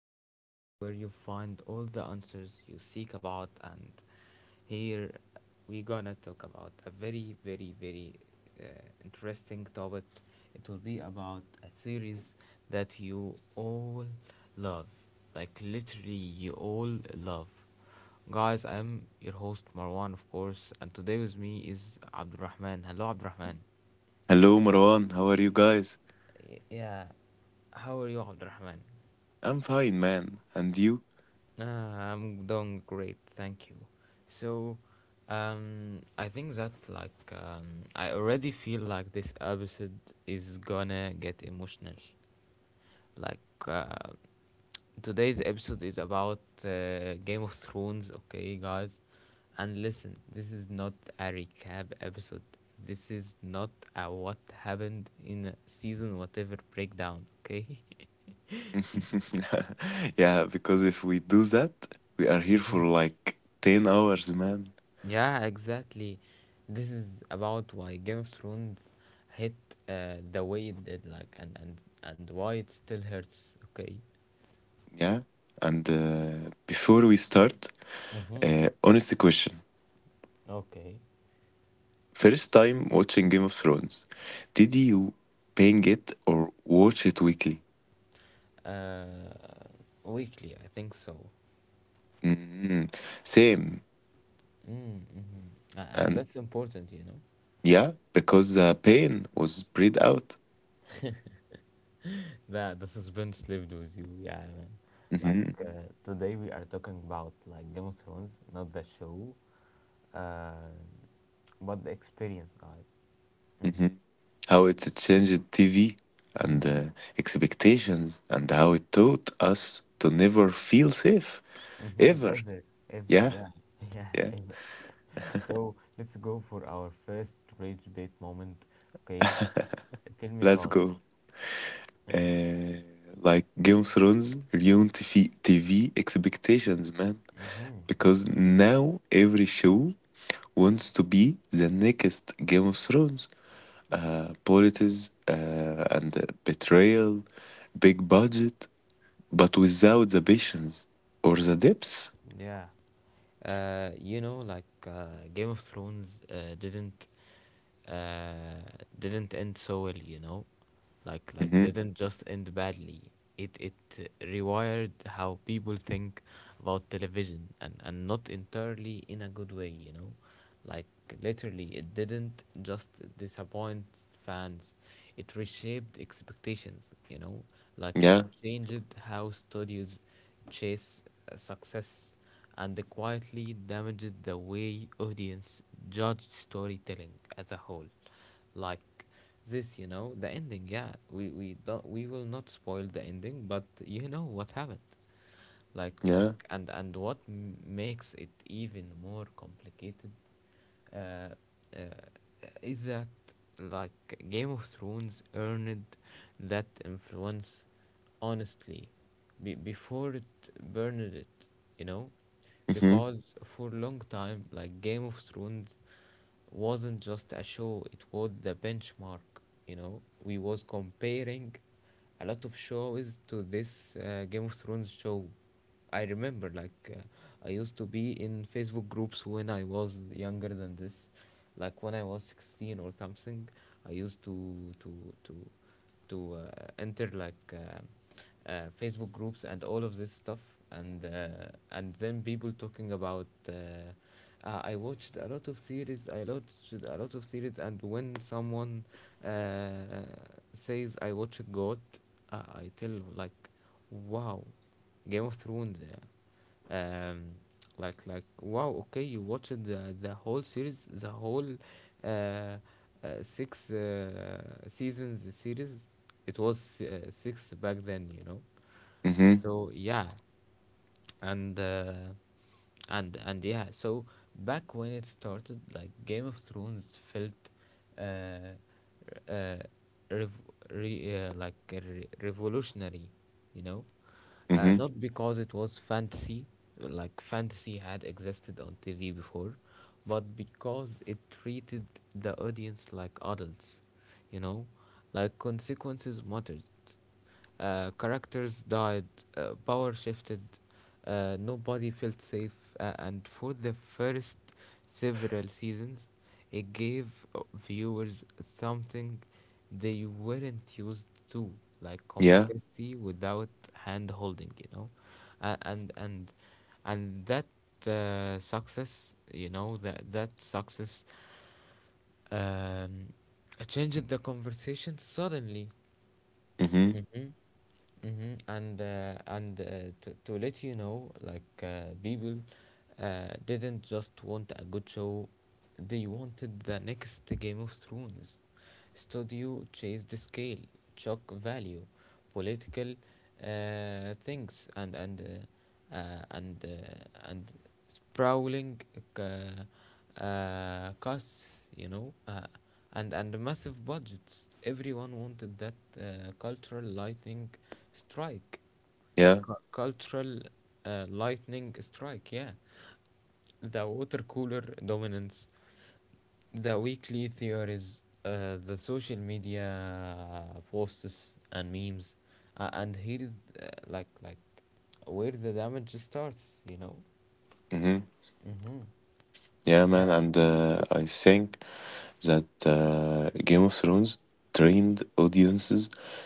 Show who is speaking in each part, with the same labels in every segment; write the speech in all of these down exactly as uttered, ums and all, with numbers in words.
Speaker 1: podcast where you find all the answers you seek about. And here we're gonna talk about a very, very, very uh, interesting topic. It will be about a series that you all love, like literally, you all love. Guys, I'm your host Marwan, of course, and today with me is Abdurrahman. Hello, Abdurrahman.
Speaker 2: Hello, Marwan. How are you guys?
Speaker 1: Yeah, how are you, Abdurrahman?
Speaker 2: I'm fine, man. And you?
Speaker 1: Uh, I'm doing great, thank you. So, um, I think that's like um, I already feel like this episode is gonna get emotional. Like uh, Today's episode is about uh, Game of Thrones, okay, guys. And listen, this is not a recap episode. This is not a what happened in season whatever breakdown, okay?
Speaker 2: yeah, because if we do that, we are here for like ten hours, man.
Speaker 1: Yeah, exactly. This is about why Game of Thrones hit uh, the way it did, like, and and and why it still hurts. Okay,
Speaker 2: Yeah. And uh, before we start,
Speaker 1: mm-hmm.
Speaker 2: uh, honest question.
Speaker 1: Okay.
Speaker 2: First time watching Game of Thrones, did you ping it or watch it weekly?
Speaker 1: uh, Weekly, I think so.
Speaker 2: Mhm. Same.
Speaker 1: Mm, mm-hmm. And
Speaker 2: And
Speaker 1: that's important, you know.
Speaker 2: yeah, because the pain was spread out.
Speaker 1: That the suspense lived with you, yeah, man. Like
Speaker 2: Mhm.
Speaker 1: uh, today we are talking about like Game of Thrones, not the show, uh, but the experience, guys. Mm-hmm.
Speaker 2: Mhm. How it changed T V and uh,
Speaker 1: Mm-hmm.
Speaker 2: expectations, and how it taught us to never feel safe
Speaker 1: Mm-hmm,
Speaker 2: ever.
Speaker 1: ever, ever,
Speaker 2: Yeah,
Speaker 1: yeah, yeah,
Speaker 2: yeah.
Speaker 1: ever. So let's go for our first rage bait moment. Okay, tell me
Speaker 2: Let's
Speaker 1: about
Speaker 2: go.
Speaker 1: it.
Speaker 2: Uh, like Game of Thrones ruined T V expectations, man,
Speaker 1: Yeah. Mm-hmm.
Speaker 2: because now every show wants to be the next Game of Thrones. Uh, politics uh, and uh, betrayal, big budget, but without the patience or the depths.
Speaker 1: Yeah. Uh, you know, like uh, Game of Thrones uh, didn't uh, didn't end so well, you know, like like didn't just end badly. It it rewired how people think about television, and and not entirely in a good way, you know, like literally it didn't just disappoint fans, it reshaped expectations, you know, like it
Speaker 2: Yeah,
Speaker 1: changed how studios chase uh, success and quietly damaged the way audience judged storytelling as a whole. Like this, you know, the ending. Yeah, we we don't we will not spoil the ending, but you know what happened. Like like
Speaker 2: yeah.
Speaker 1: and and what m- makes it even more complicated uh, uh, is that like Game of Thrones earned that influence honestly be- before it burned it, you know?
Speaker 2: Mhm.
Speaker 1: Because for a long time, like Game of Thrones wasn't just a show, it was the benchmark, you know? We was comparing a lot of shows to this uh, Game of Thrones show. I remember, like, uh, I used to be in Facebook groups when I was younger than this, like when I was sixteen or something. I used to to to to uh, enter like uh, uh, Facebook groups and all of this stuff, and uh, and then people talking about. Uh, uh, I watched a lot of series. I watched a lot of series, and when someone uh, says I watch God, uh, I tell like, wow, Game of Thrones. Uh, um, like like wow. Okay, you watched the the whole series, the whole uh, uh, six uh, seasons series. It was uh, six back then, you know.
Speaker 2: Mhm.
Speaker 1: So yeah, and uh, and and yeah, so back when it started, like Game of Thrones felt uh, uh, rev- re- uh, like uh, re- revolutionary, you know, uh,
Speaker 2: Mhm.
Speaker 1: not because it was fantasy, like fantasy had existed on TV before, but because it treated the audience like adults, you know, like consequences mattered, uh, characters died, uh, power shifted, uh, nobody felt safe, uh, and for the first several seasons, it gave uh, viewers something they weren't used to, like
Speaker 2: Yeah.
Speaker 1: complexity without hand holding, you know, uh, and and and that uh, success, you know, that that success um, changed the conversation suddenly.
Speaker 2: Mhm.
Speaker 1: Mm-hmm. Mm-hmm. And uh, and uh, to, to let you know, like uh, people uh, didn't just want a good show; they wanted the next Game of Thrones. Studio chased the scale, shock value, political uh, things, and and uh, uh, and uh, and sprawling c- uh, costs, you know, uh, and and massive budgets. Everyone wanted that uh, cultural lightning strike.
Speaker 2: Yeah.
Speaker 1: Cu- Cultural uh, lightning strike, yeah. The water cooler dominance, the weekly theories, uh, the social media posts and memes, uh, and here, is, uh, like like, where the damage starts, you know.
Speaker 2: Mhm.
Speaker 1: Mm-hmm.
Speaker 2: Yeah, man.
Speaker 1: Yeah.
Speaker 2: And uh, I think that uh, Game of Thrones trained audiences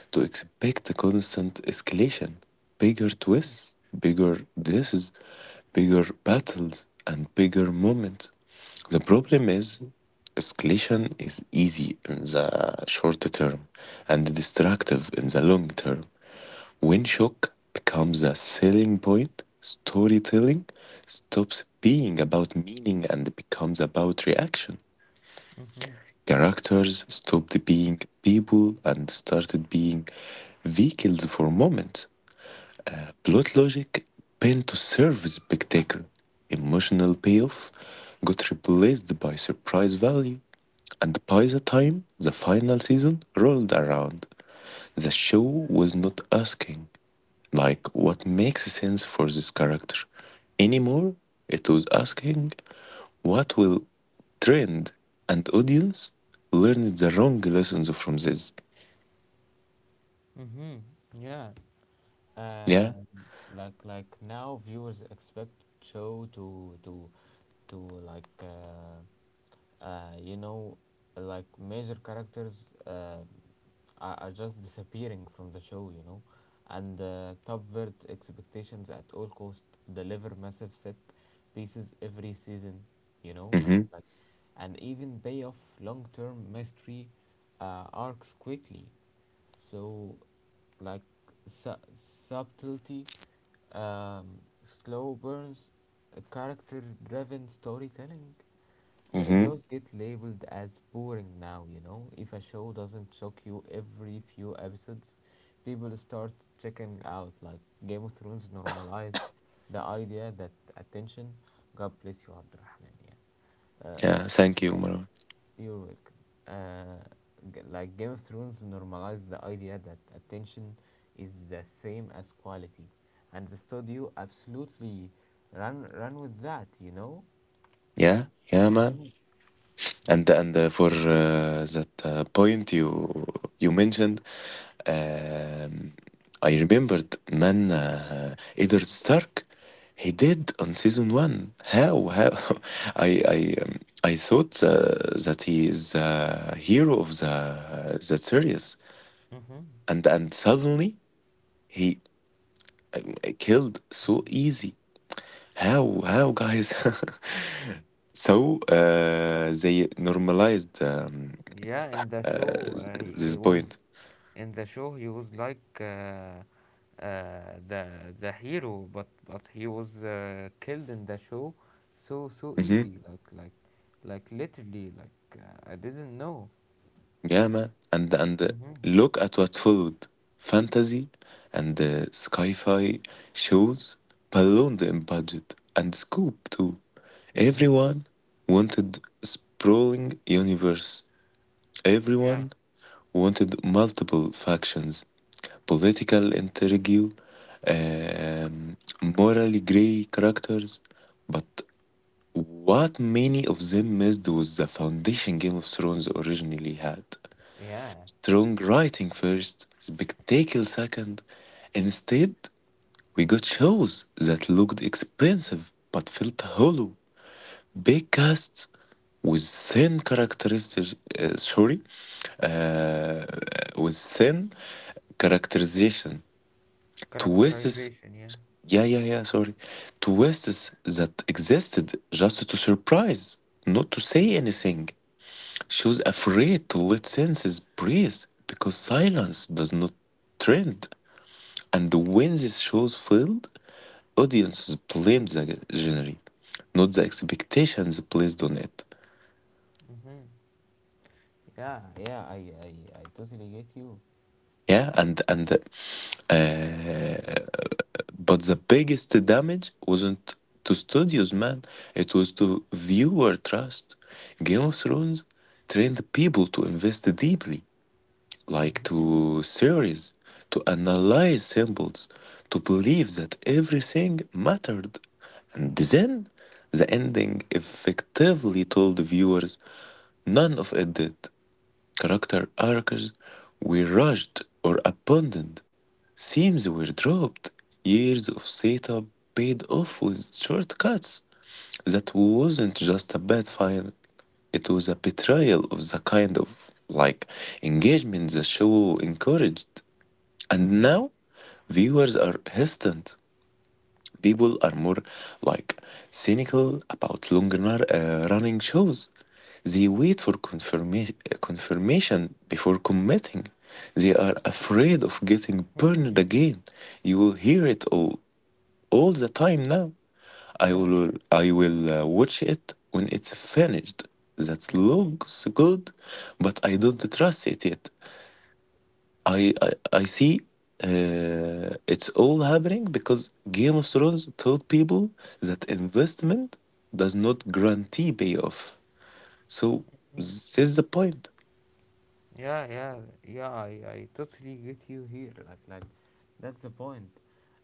Speaker 2: to expect a constant escalation, bigger twists, bigger deaths, bigger battles, and bigger moments. The problem is escalation is easy in the short term and destructive in the long term. When shock becomes a selling point, storytelling stops being about meaning and becomes about reaction.
Speaker 1: Mm-hmm.
Speaker 2: Characters stopped being people and started being vehicles for moments. Plot logic bent to serve spectacle. Emotional payoff got replaced by surprise value. And by the time the final season rolled around, the show was not asking like what makes sense for this character anymore. It was asking what will trend and audience learn the wrong lessons from this.
Speaker 1: Mm-hmm. Yeah.
Speaker 2: Yeah.
Speaker 1: And like like now viewers expect show to to to like uh, uh you know like major characters uh are, are just disappearing from the show, you know, and uh, subvert expectations at all cost. Deliver massive set pieces every season, you know, like
Speaker 2: Mm-hmm.
Speaker 1: like, and even pay off long term mystery uh, arcs quickly. So, like su- subtlety, um, slow burns, character driven storytelling, th-
Speaker 2: Mm-hmm.
Speaker 1: those get labeled as boring now, you know. If a show doesn't shock you every few episodes, people start checking out. Like Game of Thrones normalized the idea that attention, God bless you, Abdurrahman, yeah. Uh,
Speaker 2: Yeah. Thank you, Marwan.
Speaker 1: you're welcome. Uh, g- like Game of Thrones normalized the idea that attention is the same as quality, and the studio absolutely ran ran with that. You know.
Speaker 2: Yeah. Yeah, man.
Speaker 1: Mm-hmm.
Speaker 2: And and uh, for uh, that uh, point you you mentioned, Um, I remembered, man, uh, Eddard Stark. He did on season one. How how I I um, I thought uh, that he is the hero of the the series,
Speaker 1: Mm-hmm.
Speaker 2: and and suddenly he um, killed so easy. How how guys? so uh, they normalized um,
Speaker 1: Yeah, in the
Speaker 2: uh,
Speaker 1: show, uh, he, he
Speaker 2: this
Speaker 1: was
Speaker 2: point.
Speaker 1: in the show. He was like uh, uh, the the hero, but but he was uh, killed in the show so so
Speaker 2: Mm-hmm.
Speaker 1: easy. Like like like literally. Like uh, I didn't know.
Speaker 2: Yeah, man. And and
Speaker 1: Mm-hmm.
Speaker 2: look at what followed. Fantasy and uh, sci-fi shows ballooned in budget and scope too.
Speaker 1: Mm.
Speaker 2: Everyone wanted sprawling universe.
Speaker 1: Yeah.
Speaker 2: Everyone wanted multiple factions, political intrigue, um, morally gray characters. But what many of them missed was the foundation Game of Thrones originally had:
Speaker 1: Yeah.
Speaker 2: strong writing first, spectacle second. Instead, we got shows that looked expensive but felt hollow. Big casts with thin characteristics, uh, sorry, uh, with thin characterization. Twists,
Speaker 1: Characterization. Yeah.
Speaker 2: yeah, yeah, yeah, sorry. Twists that existed just to surprise, not to say anything. She was afraid to let senses breathe because silence does not trend. And when these shows failed, audiences blamed the genre, not the expectations placed on it.
Speaker 1: Mm-hmm. Yeah. Yeah. I. I. I totally get you.
Speaker 2: Yeah, and and uh, But the biggest damage wasn't to studios, man. It was to viewer trust. Game of Thrones trained people to invest deeply, like
Speaker 1: Mhm.
Speaker 2: to theories, to analyze symbols, to believe that everything mattered. And then the ending effectively told the viewers none of it did. Character arcs were rushed or abandoned, themes were dropped, years of setup paid off with shortcuts. That wasn't just a bad final, it was a betrayal of the kind of like engagement the show encouraged. And
Speaker 1: Mhm.
Speaker 2: now viewers are hesitant. People are more like cynical about longer uh, running shows. They wait for confirma- confirmation before committing. They are afraid of getting
Speaker 1: Mhm.
Speaker 2: burned again. You will hear it all all the time now. I
Speaker 1: Yeah.
Speaker 2: will I will uh, watch it when it's finished. That
Speaker 1: Mhm.
Speaker 2: looks good, but I don't trust it yet. I I, I see uh, it's all happening because Game of Thrones told people that investment does not guarantee payoff. So
Speaker 1: Mhm.
Speaker 2: this is the point.
Speaker 1: Yeah. Yeah. Yeah. I. I totally get you here. Like. Like. That's the point.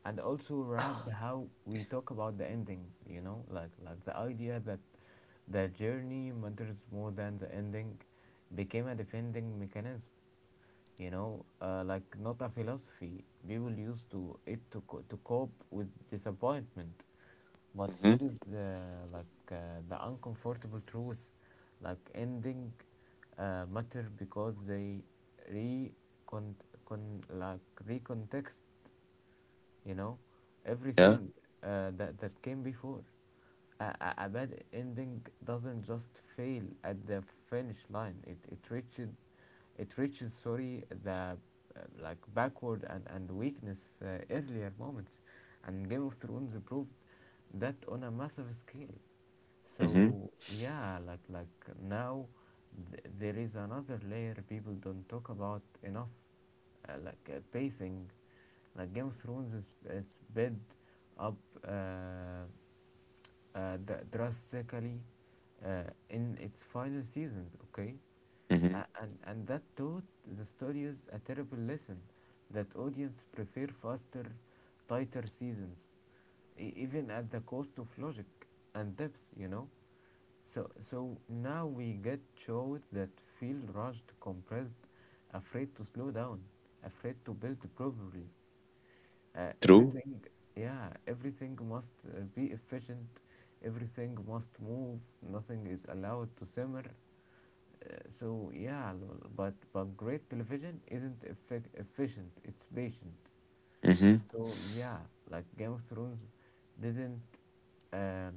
Speaker 1: And also wrapped how we talk about the endings. You know. Like. Like the idea that the journey matters more than the ending became a defending mechanism, you know, uh, like not a philosophy. We will use to it to co- to cope with disappointment, but
Speaker 2: Hmm.
Speaker 1: here is uh, like uh, the uncomfortable truth, like ending uh, matter because they recon con like recontext, you know,
Speaker 2: Yeah.
Speaker 1: everything uh, that that came before. A, a, a bad ending doesn't just fail at the finish line. It it reaches, it reaches, sorry, the uh, like backward and and weakness uh, earlier moments, and Game of Thrones proved that on a massive scale.
Speaker 2: Hmm.
Speaker 1: So yeah, like like now th- there is another layer people don't talk about enough, uh, like uh, pacing. Like Game of Thrones is, is sped up Uh, uh, d- drastically uh, in its final seasons, okay?
Speaker 2: Hmm.
Speaker 1: A- And, and that taught the studios a terrible lesson that audience prefer faster, tighter seasons, e- even at the cost of logic and depth, you know? So, so now we get shows that feel rushed, compressed, afraid to slow down, afraid to build properly, uh,
Speaker 2: True.
Speaker 1: everything, yeah, everything must uh, be efficient, everything must move, nothing is allowed to simmer, uh, so yeah, lol, but but great television isn't effic efficient, it's patient.
Speaker 2: Hmm.
Speaker 1: So yeah, like Game of Thrones didn't um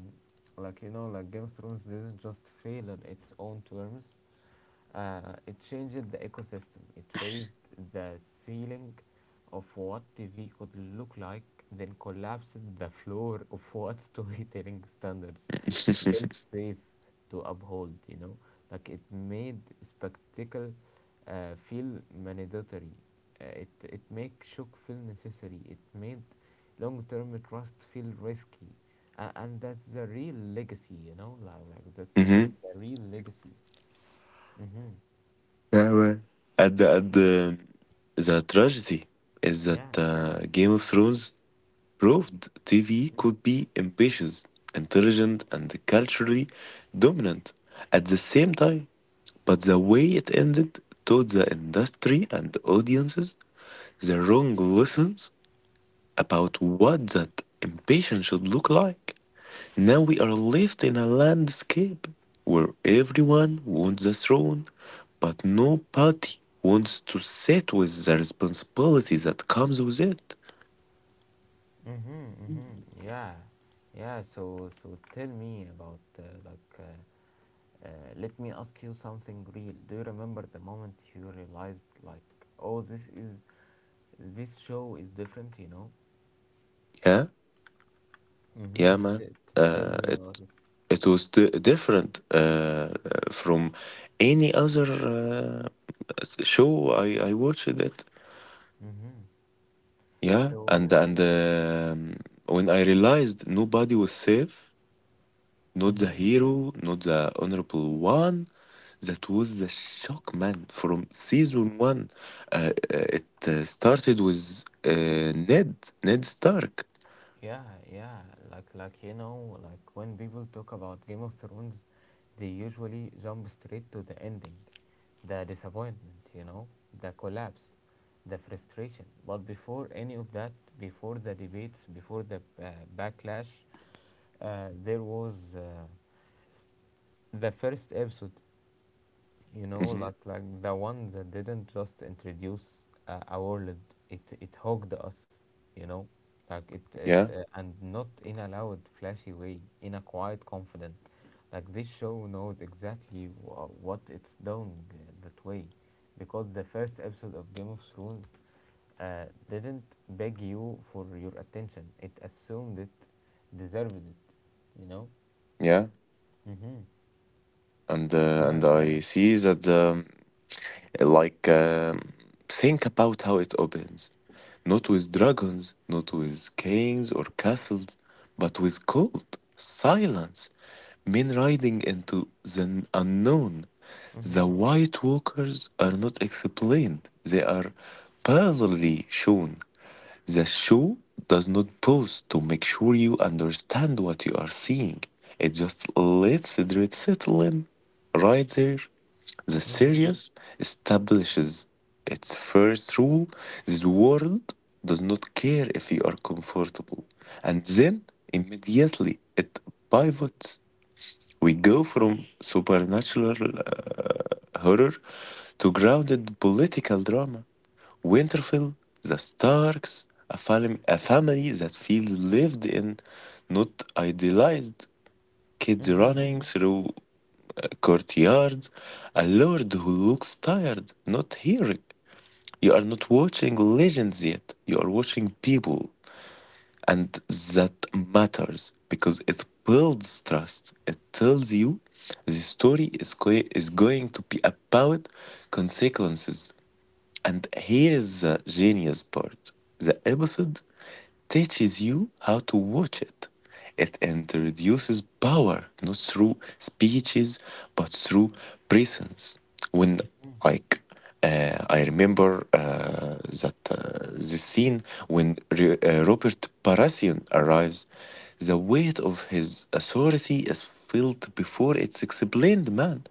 Speaker 1: like you know like Game of Thrones didn't just fail on its own terms. Uh, it changed the ecosystem. It raised the ceiling of what T V could look like, then collapsed the floor of what storytelling standards
Speaker 2: Hmm.
Speaker 1: felt safe to uphold, you know? Like it made spectacle uh, feel mandatory. Uh, it, it made shock feel necessary. It made long term trust feel risky. Uh, and that's the real legacy, you know? Like, like that's the, the real legacy. Hmm.
Speaker 2: Yeah. Well, And the, and the, the tragedy is that
Speaker 1: Yeah.
Speaker 2: uh, Game of Thrones proved T V could be ambitious, intelligent, and culturally dominant at the same time. But the way it ended taught the industry and audiences the wrong lessons about what that ambition should look like. Now we are left in a landscape where everyone wants the throne, but nobody wants to sit with the responsibility that comes with it.
Speaker 1: Mm-hmm, mm-hmm. Yeah. Yeah. So so tell me about uh, like uh, uh, let me ask you something real. Do you remember the moment you realized like, oh, this is this show is different, you know?
Speaker 2: Yeah,
Speaker 1: Mm-hmm.
Speaker 2: yeah,
Speaker 1: T-
Speaker 2: man.
Speaker 1: t- tell
Speaker 2: Uh,
Speaker 1: me
Speaker 2: it,
Speaker 1: about it.
Speaker 2: it was di- different uh, from any other uh, show I, I watched it.
Speaker 1: Mm-hmm.
Speaker 2: Yeah, and
Speaker 1: So.
Speaker 2: and um, When I realized nobody was safe, not the
Speaker 1: Mm-hmm.
Speaker 2: hero, not the honorable one, that was the shock, man. From season one, uh, uh, it uh, started with uh, Ned, Ned Stark.
Speaker 1: Yeah, yeah. Like like you know, like when people talk about Game of Thrones, they usually jump straight to the ending, the disappointment, you know, the collapse, the frustration. But before any of that, before the debates, before the uh, backlash, uh, there was uh, the first episode, you know,
Speaker 2: Hmm.
Speaker 1: like like the one that didn't just introduce uh, a world, it it hugged us, you know, like it it
Speaker 2: Yeah,
Speaker 1: uh, and not in a loud flashy way, in a quiet confident like this show knows exactly wha what it's doing uh, that way, because the first episode of Game of Thrones uh, didn't beg you for your attention, it assumed it deserved it, you know.
Speaker 2: yeah,
Speaker 1: Mm-hmm.
Speaker 2: and uh, and
Speaker 1: Yeah, tell
Speaker 2: I
Speaker 1: me.
Speaker 2: see that um, like um, think about how it opens, not with dragons, not with kings or castles, but with cold silence. Men riding into the unknown. The
Speaker 1: Mm-hmm.
Speaker 2: White Walkers are not explained, they are barely shown. The show does not pause to make sure you understand what you are seeing, it just lets it settle in. Right there, the
Speaker 1: Mm-hmm.
Speaker 2: series establishes its first rule: this world does not care if you are comfortable. And then immediately it pivots. We go from supernatural uh, horror to grounded political drama. Winterfell, the Starks, a, fam- a family that feels lived in, not idealized. Kids
Speaker 1: Mm-hmm.
Speaker 2: running through uh, courtyards, a lord who looks tired, not heroic. You are not watching legends yet, you are watching people, and that matters because it builds trust. It tells you the story is, go- is going to be about consequences. And here is the genius part: the episode teaches you how to watch it. It introduces power not through speeches but through presence. When like uh, I remember uh, that uh, the scene when Re- uh, Robert Baratheon arrives, the weight of his authority is felt before it's explained, man.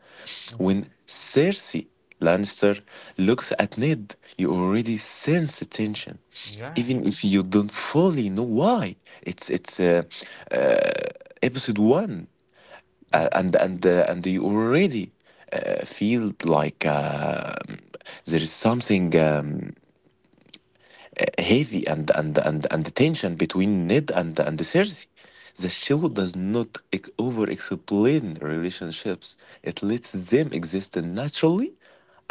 Speaker 2: When
Speaker 1: Mhm.
Speaker 2: Cersei Lannister looks at Ned, you already sense the tension
Speaker 1: Yeah.
Speaker 2: even if you don't fully know why. It's it's uh, uh, Episode one, uh,
Speaker 1: Mhm.
Speaker 2: and and uh, and you already uh, feel like uh, there is something um, heavy, and and and and tension between Ned and and Cersei. The show does not ex- over explain relationships. It lets them exist naturally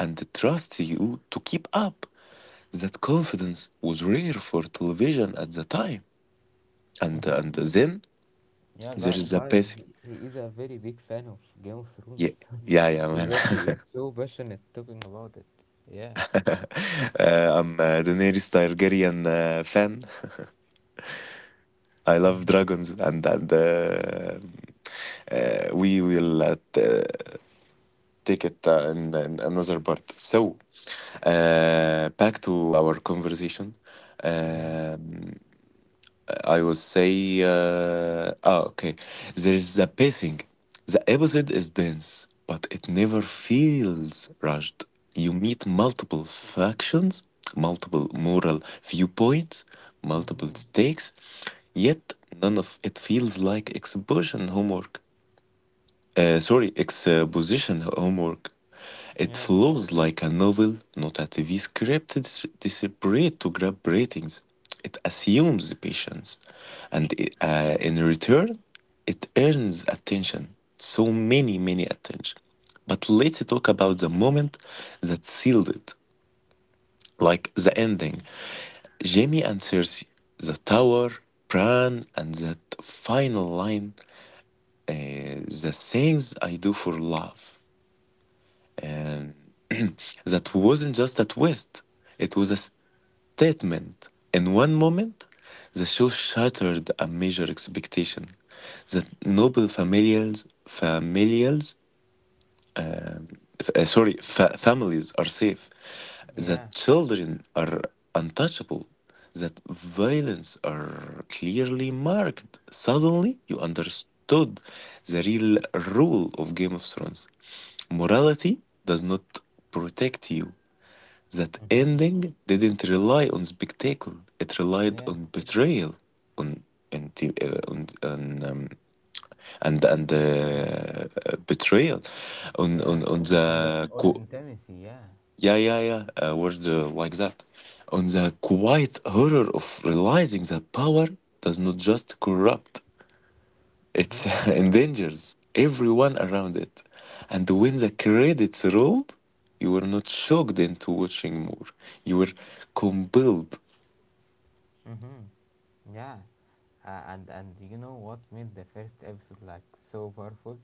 Speaker 2: and trusts you to keep up. That confidence was rare for television at the time. and
Speaker 1: Mhm.
Speaker 2: and then
Speaker 1: Yeah,
Speaker 2: there
Speaker 1: gu-
Speaker 2: is a
Speaker 1: guys,
Speaker 2: basic
Speaker 1: he, he is a very big fan of Game of Thrones.
Speaker 2: yeah yeah yeah
Speaker 1: So
Speaker 2: man.
Speaker 1: that he is so passionate talking about it. Yeah.
Speaker 2: uh, I'm a Daenerys Targaryen uh, fan. I love
Speaker 1: Mhm.
Speaker 2: dragons, and and uh, uh, we will uh, t- take it uh, in, in another part. So uh, back to our conversation.
Speaker 1: Yeah.
Speaker 2: um, I would say, uh, ah, okay. There is the pacing. The episode is dense, but it never feels rushed. You meet multiple factions, multiple moral viewpoints, multiple
Speaker 1: Mhm.
Speaker 2: stakes, yet none of it feels like exposition homework. Uh, sorry, exposition homework. It
Speaker 1: Yeah.
Speaker 2: flows like a novel, not a T V script desperate to grab ratings. It assumes patience, and uh, in return, it earns attention. So many, many attention. But let's talk about the moment that sealed it, like the
Speaker 1: Mhm.
Speaker 2: ending. Jamie and Cersei, the tower, Bran, and that final line, uh, the things I do for love. And That wasn't just a twist, it was a statement. In one moment, the show shattered a major expectation: that noble familials, familials, um, f- uh, sorry, fa- families are safe,
Speaker 1: Yeah.
Speaker 2: that children are untouchable, that violence are clearly marked. Suddenly, you understood the real rule of Game of Thrones: morality does not protect you. That
Speaker 1: Mm-hmm.
Speaker 2: ending didn't rely on spectacle; it relied
Speaker 1: Yeah.
Speaker 2: on betrayal, on and uh, on, on um, and and
Speaker 1: And, and
Speaker 2: uh, uh, betrayal, on on
Speaker 1: yeah.
Speaker 2: on
Speaker 1: And the-
Speaker 2: the
Speaker 1: on
Speaker 2: qu-
Speaker 1: intimacy, yeah.
Speaker 2: yeah, yeah, yeah, a word uh, like that, on the quiet horror of realizing that power does not just corrupt, it
Speaker 1: Uh-huh.
Speaker 2: endangers everyone around it. And when the credits rolled, you were not shocked into watching more. You were compelled.
Speaker 1: Mm-hmm. Yeah. Uh, and and you know what made the first episode like so powerful?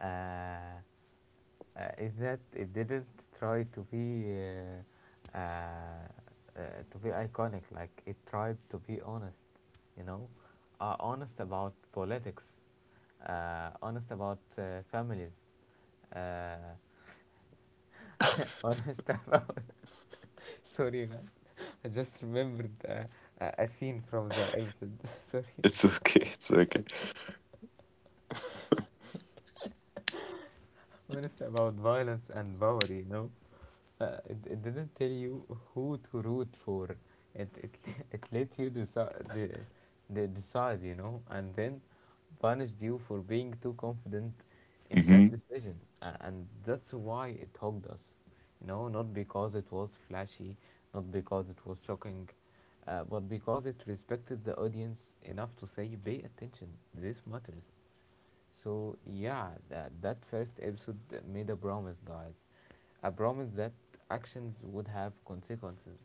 Speaker 1: Uh, uh, is that it didn't try to be uh, uh, uh, to be iconic, like it tried to be honest, you know, uh, honest about politics, uh, honest about uh, families, uh, honest about sorry man, I just remembered uh, a a scene from the episode. Sorry.
Speaker 2: It's okay. It's okay.
Speaker 1: When it's about violence and power, you know. Uh, it, it didn't tell you who to root for. It it, it let you decide the, the decide, you know, And then punished you for being too confident in that
Speaker 2: Mm-hmm.
Speaker 1: decision. A- And that's why it hooked us, you know, not because it was flashy, not because it was shocking, uh, but because it respected the audience enough to say, pay attention, this matters. So yeah, that that first episode made a promise, guys. A promise that actions would have consequences,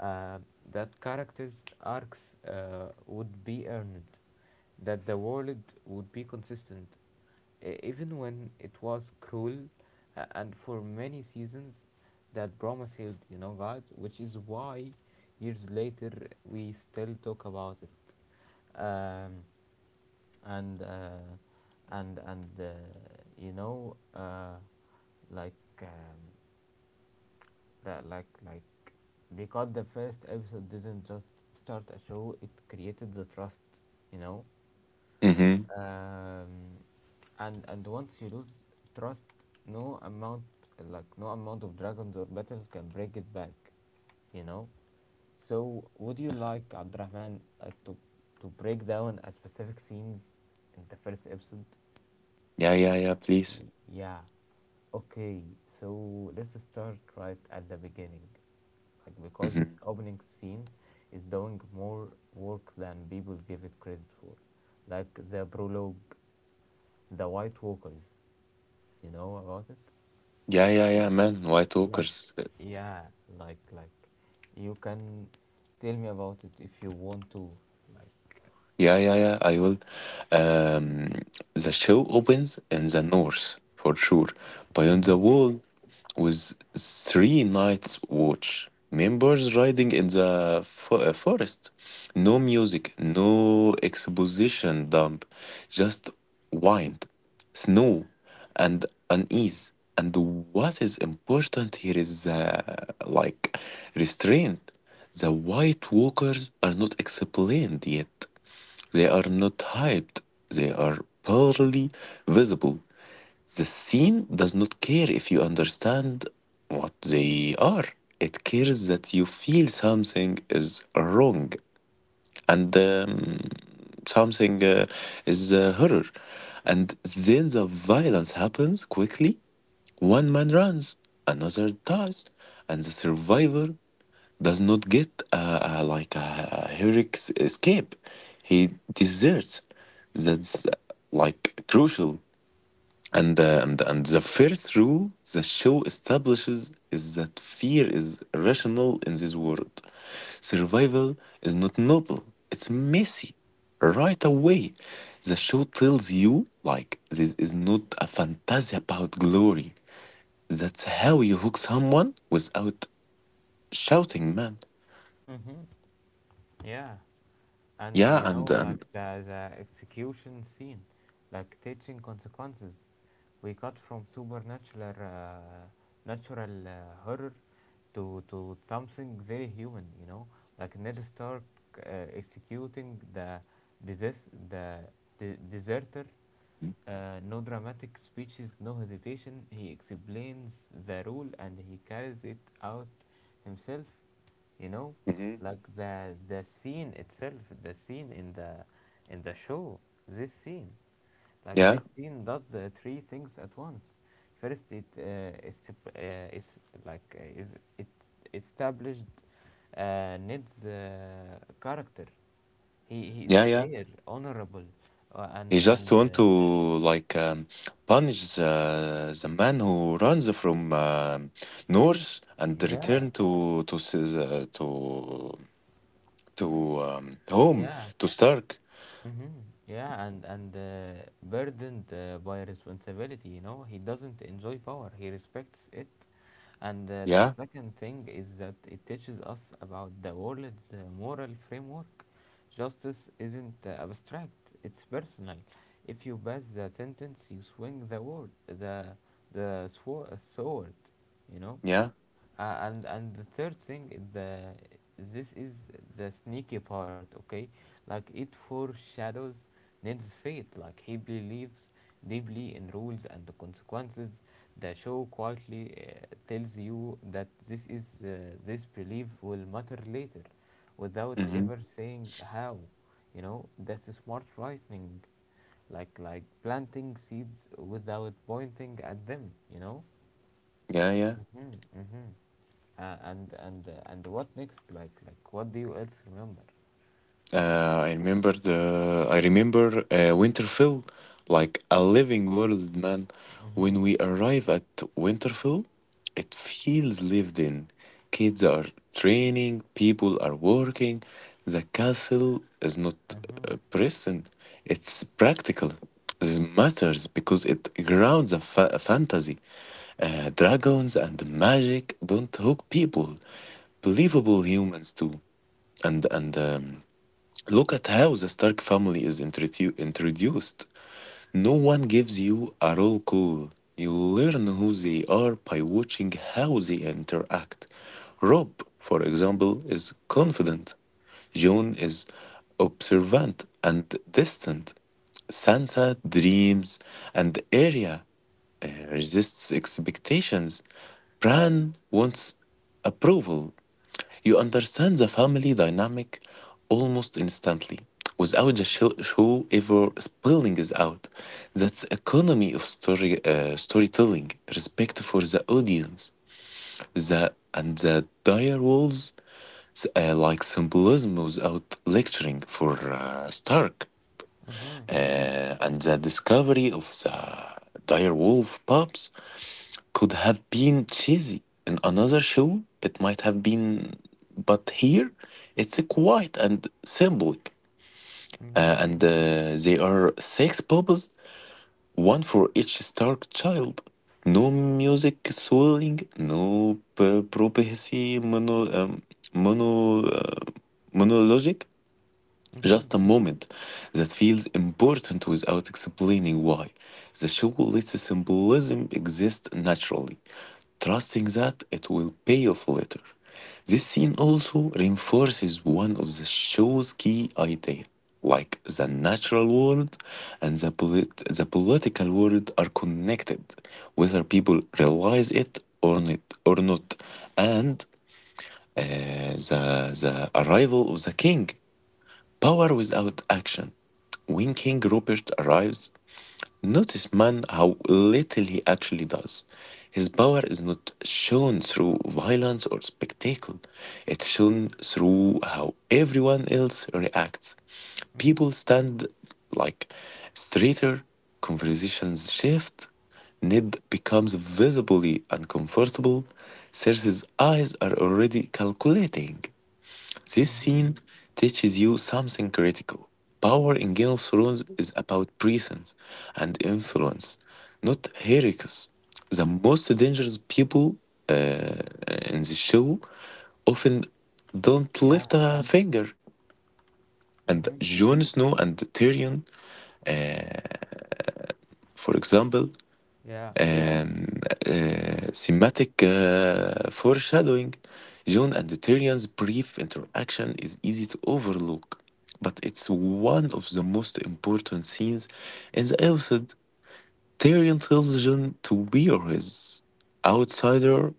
Speaker 1: uh, that characters' arcs uh, would be earned, that the world would be consistent, e- even when it was cruel, uh, and for many seasons that promise held, you know, guys, which is why years later we still talk about it. Um, and uh, and and uh, you know uh, like um, that like like because the first episode didn't just start a show, it created the trust, you know.
Speaker 2: Mm-hmm.
Speaker 1: um, and and once you lose trust, no amount, like no amount of dragons or battles can break it back, you know. So would you like, Abdurrahman, like to to break down a specific scenes in the first episode?
Speaker 2: Yeah, yeah, yeah, please.
Speaker 1: Y- Yeah. Okay, so let's start right at the beginning. Like because this
Speaker 2: Mm-hmm.
Speaker 1: opening scene is doing more work than people give it credit for. Like the prologue, the White Walkers. You know about it?
Speaker 2: Yeah, yeah, yeah, man. White
Speaker 1: Like
Speaker 2: Walkers. Uh,
Speaker 1: yeah, like like you can tell me about it if you want to. Like.
Speaker 2: Yeah, yeah, yeah, I will. Um, the show opens in the north, for sure. Beyond the
Speaker 1: Mhm.
Speaker 2: wall, with three nights' watch. Members riding in the fo- uh, forest. No music, no exposition dump, just wind, snow, and unease. And what is important here is the like restraint. The White Walkers are not explained yet. They are not hyped. They are barely visible. The scene does not care if you understand what they are. It cares that you feel something is wrong, and um, something uh, is a horror. And then the violence happens quickly. One man runs, another dies, and the survivor does not get uh, uh, like a heroic s- escape. He deserts. That's uh, like crucial, and the, and, and the first rule the show establishes is that fear is irrational in this world. Survival is not noble, it's messy. Right away, the show tells you, like, this is not a fantasy about glory. That's how you hook someone without shouting, man.
Speaker 1: Mhm. Yeah. And
Speaker 2: Yeah,
Speaker 1: you know,
Speaker 2: and,
Speaker 1: like
Speaker 2: and
Speaker 1: the, the execution scene, like teaching consequences, we got from supernatural uh, natural uh, horror to to something very human, you know. Like Ned Stark, uh, executing the desist, the de- deserter uh, No dramatic speeches, no hesitation. He explains the rule and he carries it out himself. You know,
Speaker 2: Mhm.
Speaker 1: like the the scene itself, the scene in the in the show. This scene, like
Speaker 2: Yeah,
Speaker 1: this scene, does the three things at once. First, it uh, is uh, is like uh, is it established uh, Ned's uh, character. He he is
Speaker 2: yeah, yeah.
Speaker 1: fair, honorable, uh,
Speaker 2: He
Speaker 1: and
Speaker 2: just
Speaker 1: and
Speaker 2: want
Speaker 1: uh,
Speaker 2: to like um, punish the, the man who runs from um Norse and
Speaker 1: yeah.
Speaker 2: return to to s- the- to to um, home
Speaker 1: Yeah.
Speaker 2: to Stark.
Speaker 1: Hmm. Yeah, and and uh, burdened uh, by responsibility, you know, he doesn't enjoy power. He respects it. And uh, the
Speaker 2: Yeah,
Speaker 1: second thing is that it teaches us about the world's uh, moral framework. Justice isn't uh, abstract; it's personal. If you pass the sentence, you swing the word, the the swo- sword, you know.
Speaker 2: yeah.
Speaker 1: Uh, and and the third thing is the this is the sneaky part, okay. Like it foreshadows Ned's fate. Like he believes deeply in rules and the consequences. The show quietly uh, tells you that this is uh, this belief will matter later without
Speaker 2: Hmm.
Speaker 1: ever saying how, you know. That's a smart writing, like like planting seeds without pointing at them, you know.
Speaker 2: Yeah, yeah.
Speaker 1: Mm-hmm, mm-hmm. Uh, and and uh, and what next? Like like what do you else remember?
Speaker 2: Uh, I remember the I remember uh, Winterfell like a living world, man. When
Speaker 1: Mhm.
Speaker 2: we arrive at Winterfell, it feels lived in. Kids are training, people are working. The castle is not
Speaker 1: Mhm.
Speaker 2: uh, prison; it's practical. This matters because it grounds a, fa- a fantasy. Uh, dragons and magic don't hook people. Believable humans too, and and. Um, Look at how the Stark family is introdu- introduced. No one gives you a roll call. You learn who they are by watching how they interact. Rob, for example, is confident. Jon is observant and distant. Sansa dreams, and Arya uh, resists expectations. Bran wants approval. You understand the family dynamic almost instantly without the show, show ever spilling it out. That's economy of story uh, storytelling, respect for the audience, the and the dire walls, uh, like symbolism without lecturing for uh, Stark,
Speaker 1: Mhm.
Speaker 2: uh, and the discovery of the dire wolf pups could have been cheesy in another show. It might have been, but here it's quiet and symbolic. Uh,
Speaker 1: Mhm.
Speaker 2: and uh, They are six bubbles, one for each Stark child. No music swelling, no p- prophecy mono, um, mono, uh, monologic, just
Speaker 1: Mhm.
Speaker 2: a moment that feels important without explaining why. The show lets symbolism exist naturally, trusting that it will pay off later. This scene also reinforces one of the show's key ideas. Like the natural world and the, polit- the political world are connected, whether people realize it or not. Or not. And uh, the, the arrival of the king, power without action. When King Robert arrives, notice man how little he actually does. His power is not shown through violence or spectacle. It's shown through how everyone else reacts. People stand, like, straighter, conversations shift. Ned becomes visibly uncomfortable. Cersei's eyes are already calculating. This
Speaker 1: Mhm.
Speaker 2: scene teaches you something critical. Power in Game of Thrones is about presence and influence, not heroics. The most dangerous people uh, in the show often don't
Speaker 1: Yeah.
Speaker 2: lift a finger. And
Speaker 1: Mm-hmm.
Speaker 2: Jon Snow and Tyrion, uh, for example,
Speaker 1: Yeah.
Speaker 2: um, uh, thematic uh, foreshadowing, John and Tyrion's brief interaction is easy to overlook, but it's one of the most important scenes in the episode. Tyrion tells John to wear his outsider,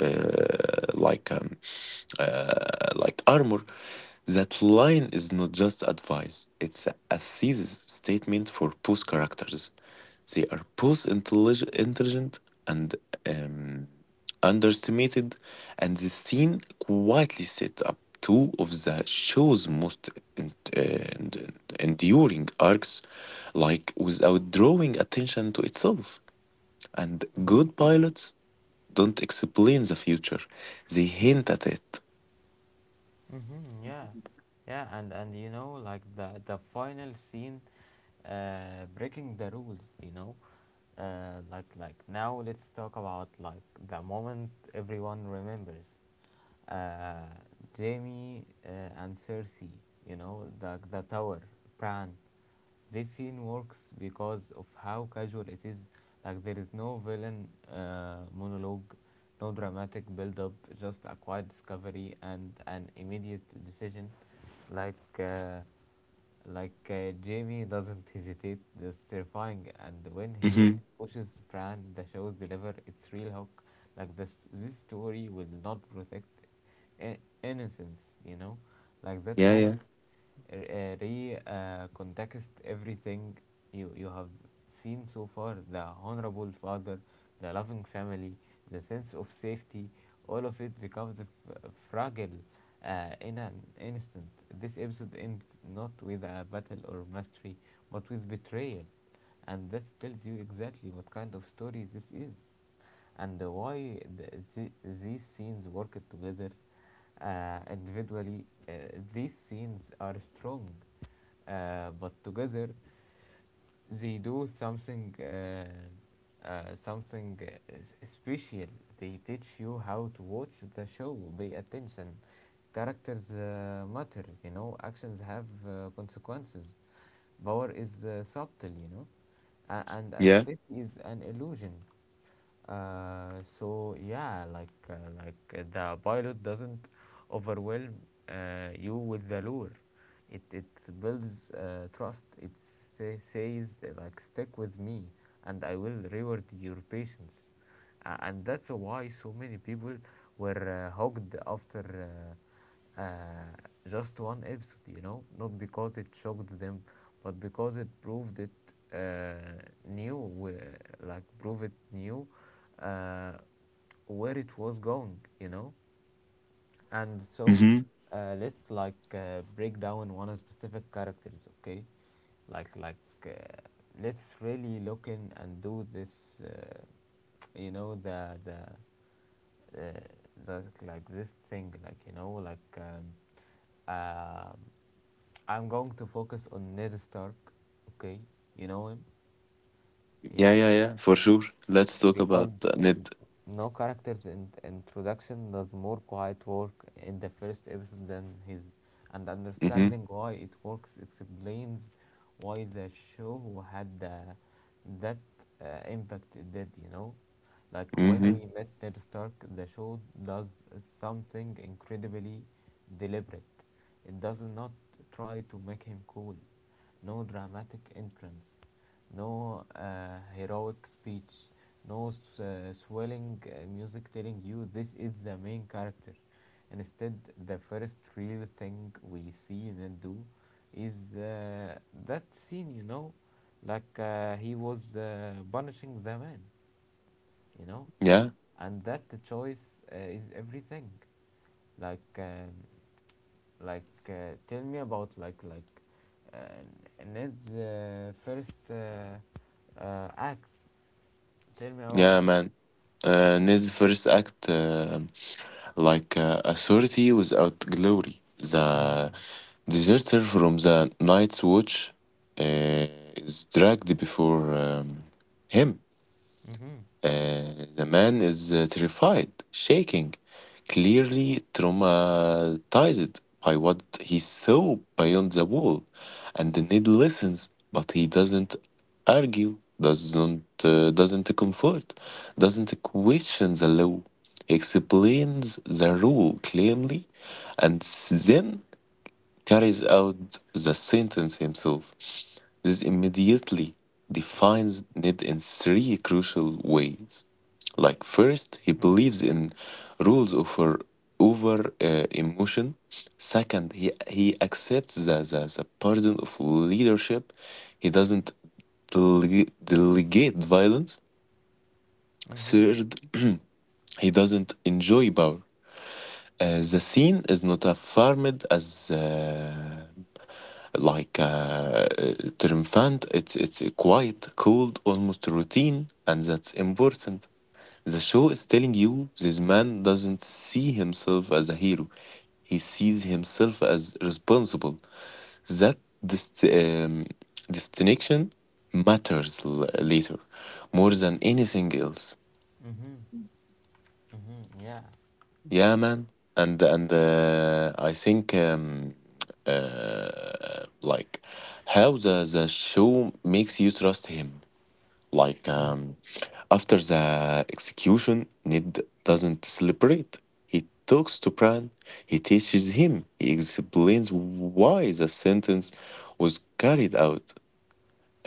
Speaker 2: uh, like um, uh, like armor. That line is not just advice, it's a, a thesis statement for both characters. They are both intellig- intelligent and um, underestimated, and this scene quietly sets up two of the show's most en- en- enduring arcs, like without drawing attention to itself. And
Speaker 1: Mhm.
Speaker 2: good pilots don't explain the future, they hint at it.
Speaker 1: Mhm. Yeah. Yeah. And and you know, like the the final scene, uh, breaking the rules. You know, uh, like like now let's talk about like the moment everyone remembers. uh, Jamie uh, and Cersei, you know, the, the tower, Bran. This scene works because of how casual it is. Like, there is no villain uh, monologue, no dramatic build up, just a quiet discovery and an immediate decision. Like, uh, like uh, Jamie doesn't hesitate, that's terrifying. And when he pushes Bran, the show's deliver its real hook. Like this, this story will not protect i- innocence, you know. Like that
Speaker 2: Yeah, yeah,
Speaker 1: moment, uh, uh, re uh, context everything you you have seen so far: the honorable father, the loving family, the sense of safety. All of it becomes f- fragile uh, in an instant. This episode ends not with a battle or mastery, but with betrayal, and that tells you exactly what kind of story this is and why the, the, these scenes work together uh, individually. Uh, these scenes are strong, uh, but together they do something, uh, uh, something uh, s- special. They teach you how to watch the show. Pay attention. Characters uh, matter. You know, actions have uh, consequences. Power is uh, subtle. You know, A- and and
Speaker 2: yeah.
Speaker 1: safety is an illusion. Uh, so yeah, like uh, like uh, the pilot doesn't overwhelm uh, you with the lure. It it builds uh, trust. It say, says uh, like stick with me and I will reward your patience, uh, and that's why so many people were uh, hooked after uh, uh, just one episode, you know. Not because it shocked them, but because it proved it, uh, new uh, like prove it new, uh, where it was going, you know. And so
Speaker 2: Mm-hmm.
Speaker 1: uh, let's like uh, break down one specific characters, okay. like like uh, let's really look in and do this. Uh, you know the the uh, the like this thing like you know like um, um I'm going to focus on Ned Stark, okay. You know him?
Speaker 2: Yeah,
Speaker 1: Yeah.
Speaker 2: yeah, yeah. For sure. Let's talk about
Speaker 1: Because
Speaker 2: uh, Ned.
Speaker 1: no character's in- introduction does more quiet work in the first episode than his, and
Speaker 2: Mm-hmm.
Speaker 1: understanding why it works explains why the show had the, that uh, impact it did, you know? Like when
Speaker 2: Mm-hmm.
Speaker 1: we met Ned Stark, the show does something incredibly deliberate. It does not try to make him cool. No dramatic entrance, no uh, heroic speech, no uh, swelling uh, music telling you this is the main character. Instead, the first real thing we see and do is, uh, that scene, you know. Like uh, he was uh, punishing the man, you know,
Speaker 2: Yeah,
Speaker 1: and that choice uh, is everything. Like, um, like, uh, Tell me about like, like, uh, Ned's uh, first uh, uh, act. Tell me about
Speaker 2: yeah,
Speaker 1: it.
Speaker 2: man. Uh, Ned's first act, uh, like uh, authority without glory. The
Speaker 1: Mm-hmm.
Speaker 2: deserter from the Night's Watch uh, is dragged before um, him.
Speaker 1: Mm-hmm.
Speaker 2: Uh, the man is uh, terrified, shaking, clearly traumatized by what he saw beyond the wall. And the Ned listens, but he doesn't argue, doesn't uh, doesn't comfort, doesn't question the law. He explains the rule clearly, and then carries out the sentence himself. This immediately defines Ned in three crucial ways. Like first, he
Speaker 1: Mm-hmm.
Speaker 2: believes in rules over over uh, emotion. Second, he he accepts the, the, the burden of leadership. He doesn't dele- delegate violence.
Speaker 1: Mm-hmm.
Speaker 2: Third, he doesn't enjoy power. Uh, the scene is not affirmed as uh, like uh, uh, triumphant. It's it's quiet, cold, almost routine, and that's important. The show is telling you this man doesn't see himself as a hero; he sees himself as responsible. That dist- um, distinction matters l- later more than anything else.
Speaker 1: Mm-hmm. Mm-hmm. Yeah.
Speaker 2: Yeah, man, and and uh, I think um, uh, like how the the show makes you trust him. Like um, after the execution, Ned doesn't celebrate. He talks to Bran. He teaches him. He explains why the sentence was carried out.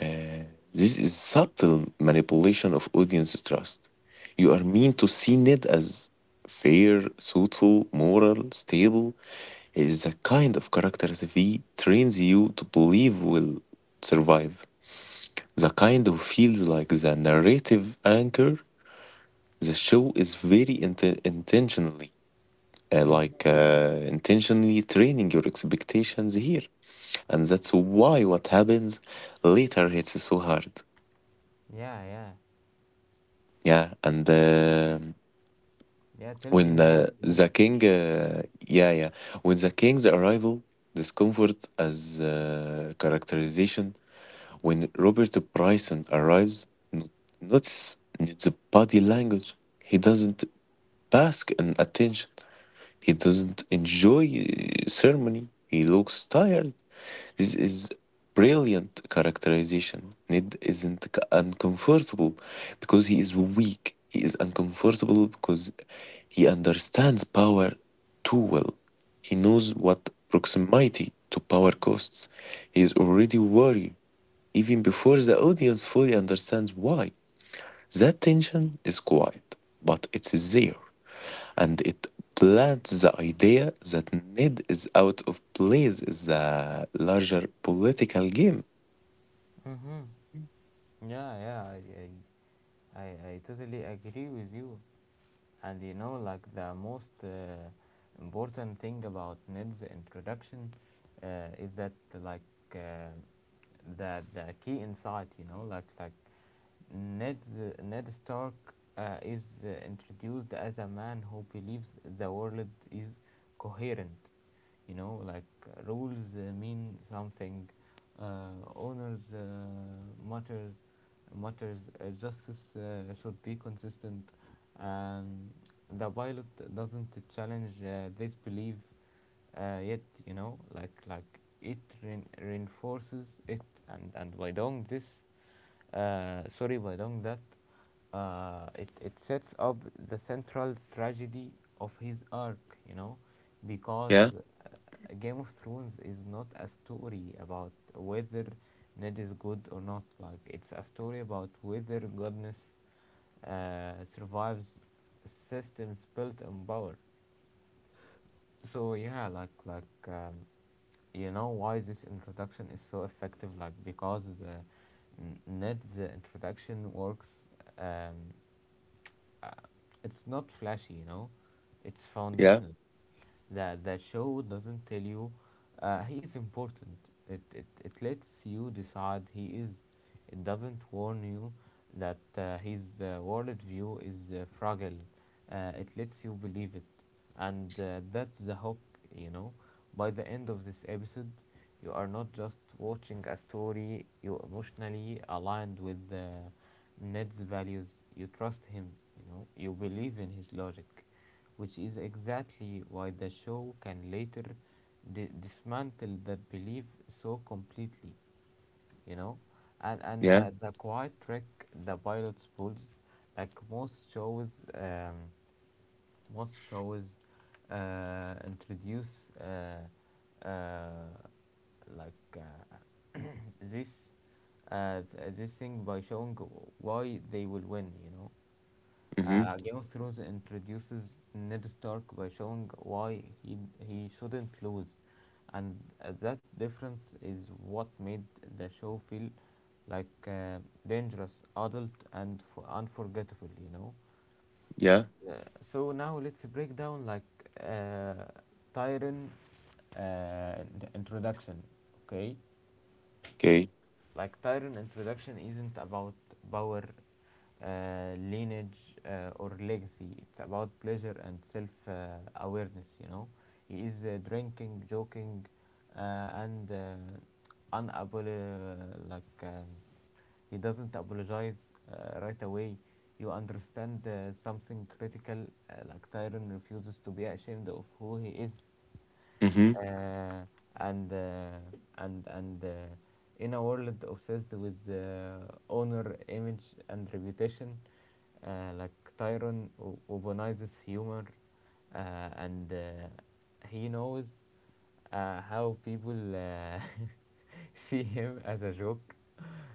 Speaker 2: Uh, this is subtle manipulation of audience trust. You are meant to see Ned as fair, thoughtful, moral, stable. He is the kind of character the V trains you to believe will survive. The kind who feels like the narrative anchor. The show is very int- intentionally, uh,
Speaker 1: Mm-hmm.
Speaker 2: like uh, intentionally training your expectations here, and that's why what happens later hits so hard.
Speaker 1: Yeah. Yeah.
Speaker 2: Yeah, and um
Speaker 1: Yeah. Tell me
Speaker 2: when uh,
Speaker 1: more, please.
Speaker 2: the king, uh, yeah, yeah, when the king's arrival, discomfort as uh, characterization. When Robert Bryson arrives, not notice the body language. He doesn't bask in attention. He doesn't enjoy uh, ceremony. He looks tired. This is brilliant characterization. Ned isn't uncomfortable because he is weak. He is uncomfortable because he understands power too well. He knows what proximity to power costs. He is already worried even before the audience fully understands why. That tension is quiet, but it is there and it plants the idea that Ned is out of place in the larger political game.
Speaker 1: Mm-hmm. Yeah. Yeah. I, I, I, I totally agree with you. And you know, like the most uh, important thing about Ned's introduction uh, is that, like uh, the the key insight. You know, like like Ned, Ned Stark uh, is uh, introduced as a man who believes the world is coherent. You know, like uh, rules uh, mean something, uh, honors uh, matters, matters uh, justice uh, should be consistent. Um, the pilot doesn't challenge uh, this belief uh, yet. You know, like like it rein- reinforces it, and and by doing this, uh, sorry, by doing that, uh, it, it sets up the central tragedy of his arc, you know, because
Speaker 2: Yeah,
Speaker 1: uh, Game of Thrones is not a story about whether Ned is good or not. Like, it's a story about whether goodness uh, survives systems built on power. So yeah, like like um, you know why this introduction is so effective, like because the Ned's introduction works, um, uh, it's not flashy, you know, it's
Speaker 2: yeah,
Speaker 1: foundational. That the show doesn't tell you uh, he is important. It, it, it lets you decide he is. It doesn't warn you that uh, his uh, worldview is uh, fragile. Uh, it lets you believe it. And uh, that's the hook, you know. By the end of this episode, you are not just watching a story, you emotionally aligned with uh, Ned's values. You trust him, you know, you believe in his logic, which is exactly why the show can later di- dismantle that belief so completely, you know. And and
Speaker 2: yeah,
Speaker 1: the the quiet trick the pilot pulls, like most shows, um, most shows, uh, introduce uh, uh, like uh, this, uh, th- this thing by showing why they will win, you know.
Speaker 2: mm-hmm,
Speaker 1: Uh, Game of Thrones introduces Ned Stark by showing why he he shouldn't lose, and uh, that difference is what made the show feel like uh, dangerous, adult, and f- unforgettable. You know.
Speaker 2: yeah,
Speaker 1: Uh, so now let's break down like, uh, Tyrion uh, introduction. Okay,
Speaker 2: okay,
Speaker 1: like Tyrion introduction isn't about power, uh, lineage, uh, or legacy. It's about pleasure and self uh, awareness, you know. He is uh, drinking, joking, uh, and uh, unapolo- like um, he doesn't apologize uh, right away. You understand uh, something critical, uh, like Tyrion refuses to be ashamed of who he is,
Speaker 2: mm-hmm,
Speaker 1: uh, and uh, and and uh, in a world obsessed with uh, honor, image, and reputation, uh, like Tyron o- Obanizes humor, uh, and uh, he knows uh, how people uh, see him as a joke,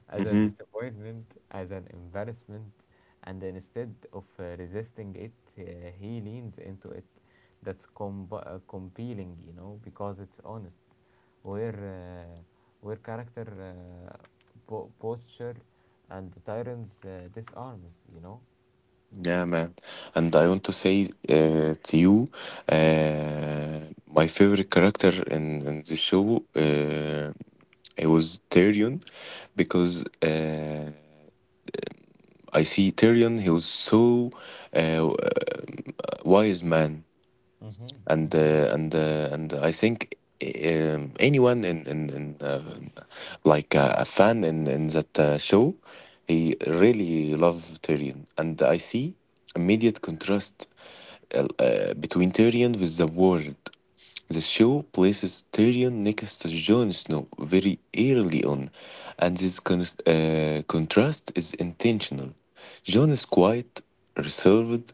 Speaker 1: as a
Speaker 2: mm-hmm,
Speaker 1: disappointment, as an embarrassment, and instead of uh, resisting it, uh, he leans into it. That's com- uh, compelling, you know, because it's honest. Where uh, where character uh, po- posture and tyrants uh, disarms, you know.
Speaker 2: yeah, man. And I want to say uh, to you, uh, my favorite character in, in the show, uh, it was Tyrion, because uh, I see Tyrion, he was so uh, wise man,
Speaker 1: Mm-hmm.
Speaker 2: and
Speaker 1: Mm-hmm.
Speaker 2: uh, and uh, and I think um, anyone in in, in uh, like uh, a fan in in that uh, show, he really love Tyrion, and I see immediate contrast uh, uh, between Tyrion with the world. The show places Tyrion next to Jon Snow very early on, and this con- uh, contrast is intentional. Jon is quiet, reserved,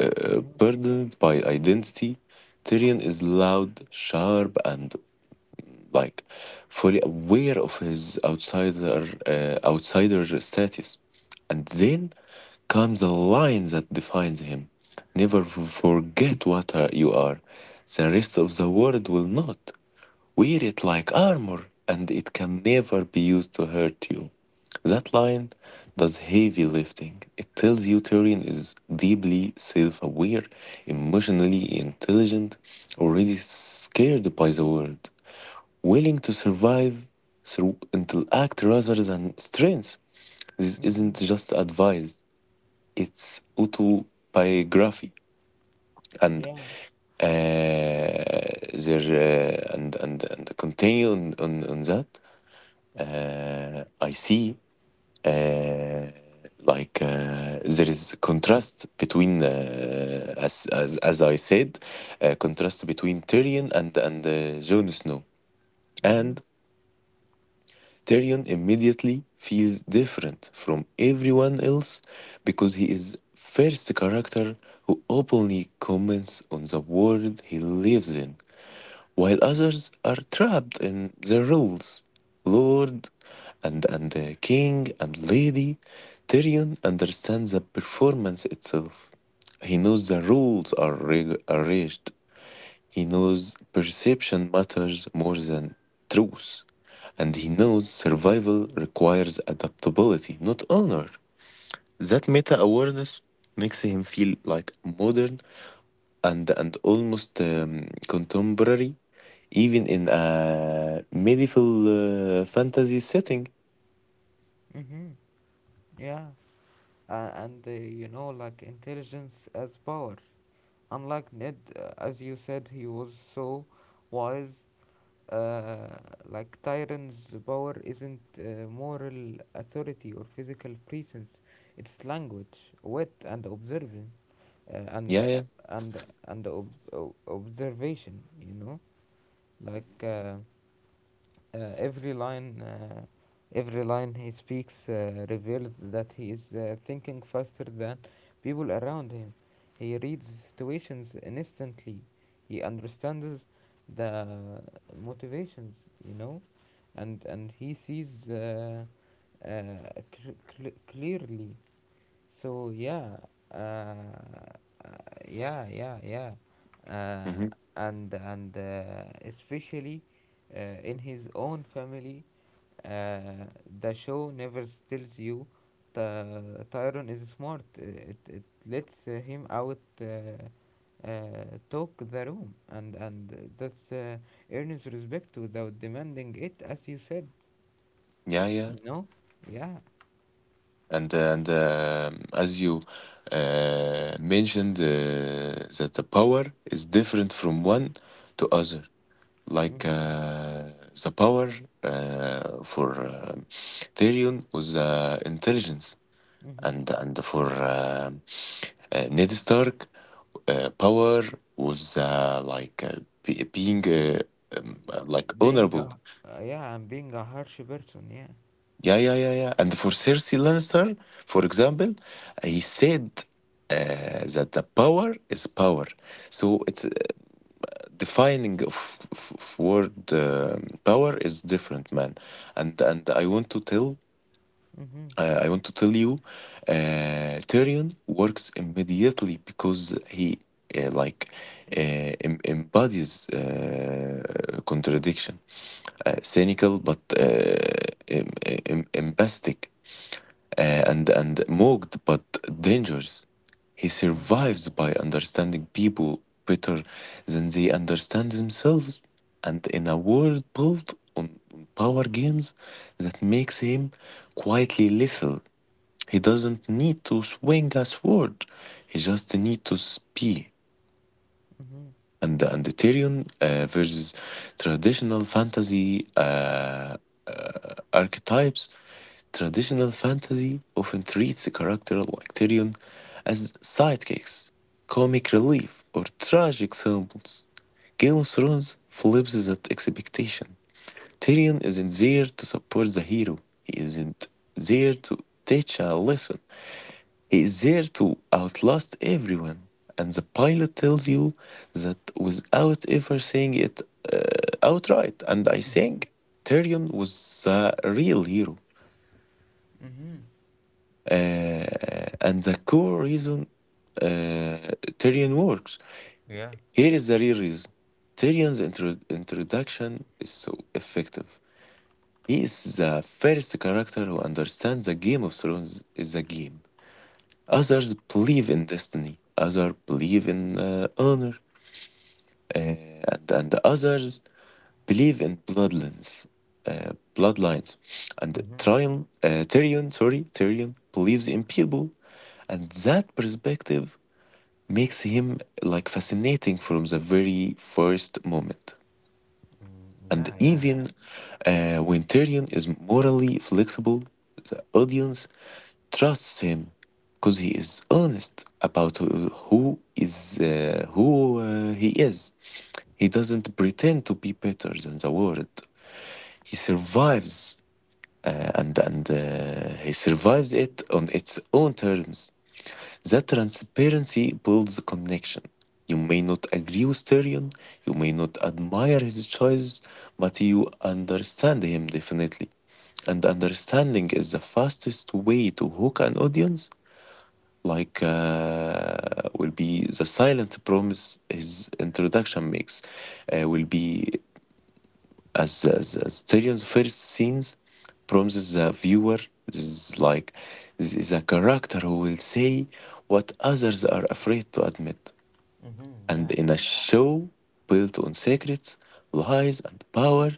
Speaker 2: uh,
Speaker 1: Mm-hmm.
Speaker 2: burdened by identity, Tyrion is loud, sharp, and like fully aware of his outsider uh, outsider status. And then comes the line that defines him: "Never f- forget what uh, you are. The rest of the world will not." Wear it like armor, and it can never be used to hurt you. That line does heavy lifting. It tells you Tyrion is deeply self aware, emotionally intelligent, already scared by the world, willing to survive through intellect rather than strength. This
Speaker 1: Mm-hmm.
Speaker 2: isn't just advice, it's autobiography. And
Speaker 1: Yeah.
Speaker 2: uh, there, uh, and, and, and continue on, on, on that, uh, I see, uh, like uh, there is contrast between, uh, as, as as I said, uh, contrast between Tyrion and and uh, Jon Snow,
Speaker 1: Mm-hmm.
Speaker 2: and Tyrion immediately feels different from everyone else because he is first character who openly comments on the world he lives in while others are trapped in their roles. Lord and, and the king and lady, Tyrion understands the performance itself. He knows the rules are reg- arranged. He knows perception matters more than truth. And he
Speaker 1: Mm-hmm.
Speaker 2: knows survival requires adaptability, not honor. That meta awareness makes him feel like modern and and almost um, contemporary, even in a medieval uh, fantasy setting.
Speaker 1: Mm-hmm. Yeah. Uh, and uh, you know, like intelligence as power. Unlike Ned, uh, as you said, he was so wise. Uh, like Tyrant's power isn't uh, moral authority or physical presence. It's language, wit, and observation, uh, and
Speaker 2: Yeah, yeah,
Speaker 1: and and ob- o- observation. You know, like. Uh, Uh, every line, uh, every line he speaks uh, reveals that he is uh, thinking faster than people around him. He reads situations instantly. He understands the motivations, you know, and and he sees uh, uh, cl- cl- clearly. So yeah, uh, uh, yeah, yeah, yeah, uh,
Speaker 2: hmm,
Speaker 1: and and uh, especially, uh, in his own family, uh, the show never tells you the Tyrone is smart. It it lets uh, him out. Uh, uh, talk the room, and and that's uh, earns respect without demanding it, as you said,
Speaker 2: yeah, yeah.
Speaker 1: you know. Yeah.
Speaker 2: And uh, and um as you uh, mentioned, uh, that the power is different from one to other. Like
Speaker 1: Mm-hmm.
Speaker 2: uh, the power uh, for uh, Tyrion was uh, intelligence,
Speaker 1: Mm-hmm.
Speaker 2: and and for uh, uh, Ned Stark, uh, power was uh, like uh, be- being uh, um, uh, like
Speaker 1: Being a
Speaker 2: honorable.
Speaker 1: uh, yeah, I'm being a harsh person. Yeah.
Speaker 2: Yeah, yeah, yeah, yeah. And for Cersei Lannister, for example, uh, he said uh, that the power is power. So it's uh, defining of, of, of word, um power is different, man. And and I want to tell,
Speaker 1: Mhm.
Speaker 2: Uh, I want to tell you, uh, Tyrion works immediately because he uh, like uh, em- embodies uh, contradiction, uh, cynical but uh, em- em- empathic, uh, and and mocked but dangerous. He
Speaker 1: Mhm.
Speaker 2: survives by understanding people better than they understand themselves, and in a world built on power games, that makes him quietly lethal. He doesn't need to swing a sword. He just needs to spy.
Speaker 1: Mhm.
Speaker 2: And the Ethereum uh, versus traditional fantasy uh, archetypes. Traditional fantasy often treats a character like Tyrion as sidekicks, comic relief, or tragic symbols. Game of Thrones flips that expectation. Tyrion isn't there to support the hero. He isn't there to teach a lesson. He is there to outlast everyone, and the pilot tells you that without ever saying it uh, outright. And I
Speaker 1: Mm-hmm.
Speaker 2: think Tyrion was the real hero.
Speaker 1: Mm-hmm.
Speaker 2: Uh, and the core reason uh, Tyrion works.
Speaker 1: Yeah.
Speaker 2: Here is the real reason. Tyrion's intro- introduction is so effective. He is the first character who understands the Game of Thrones is a game. Others believe in destiny. Others believe in uh, honor, uh, and and others believe in bloodlines, uh, bloodlines, and
Speaker 1: Mm-hmm.
Speaker 2: Tyrion, uh, Tyrion, sorry, Tyrion believes in people, and that perspective makes him like fascinating from the very first moment.
Speaker 1: Mm,
Speaker 2: And
Speaker 1: yeah, yeah.
Speaker 2: even uh, when Tyrion is morally flexible, the audience trusts him because he is honest about who who is uh, who uh, he is. He doesn't pretend to be better than the world. He survives, uh, and and uh, he survives it on its own terms. That transparency builds a connection. You may not agree with Tyrion, you may not admire his choices, but you understand him definitely. And understanding is the fastest way to hook an audience. Like, uh, will be the silent promise his introduction makes, uh, will be, as, as, as Tyrion's first scenes promises the viewer, this is like this is a character who will say what others are afraid to admit,
Speaker 1: Mm-hmm.
Speaker 2: and
Speaker 1: Yeah.
Speaker 2: in a show built on secrets, lies and power,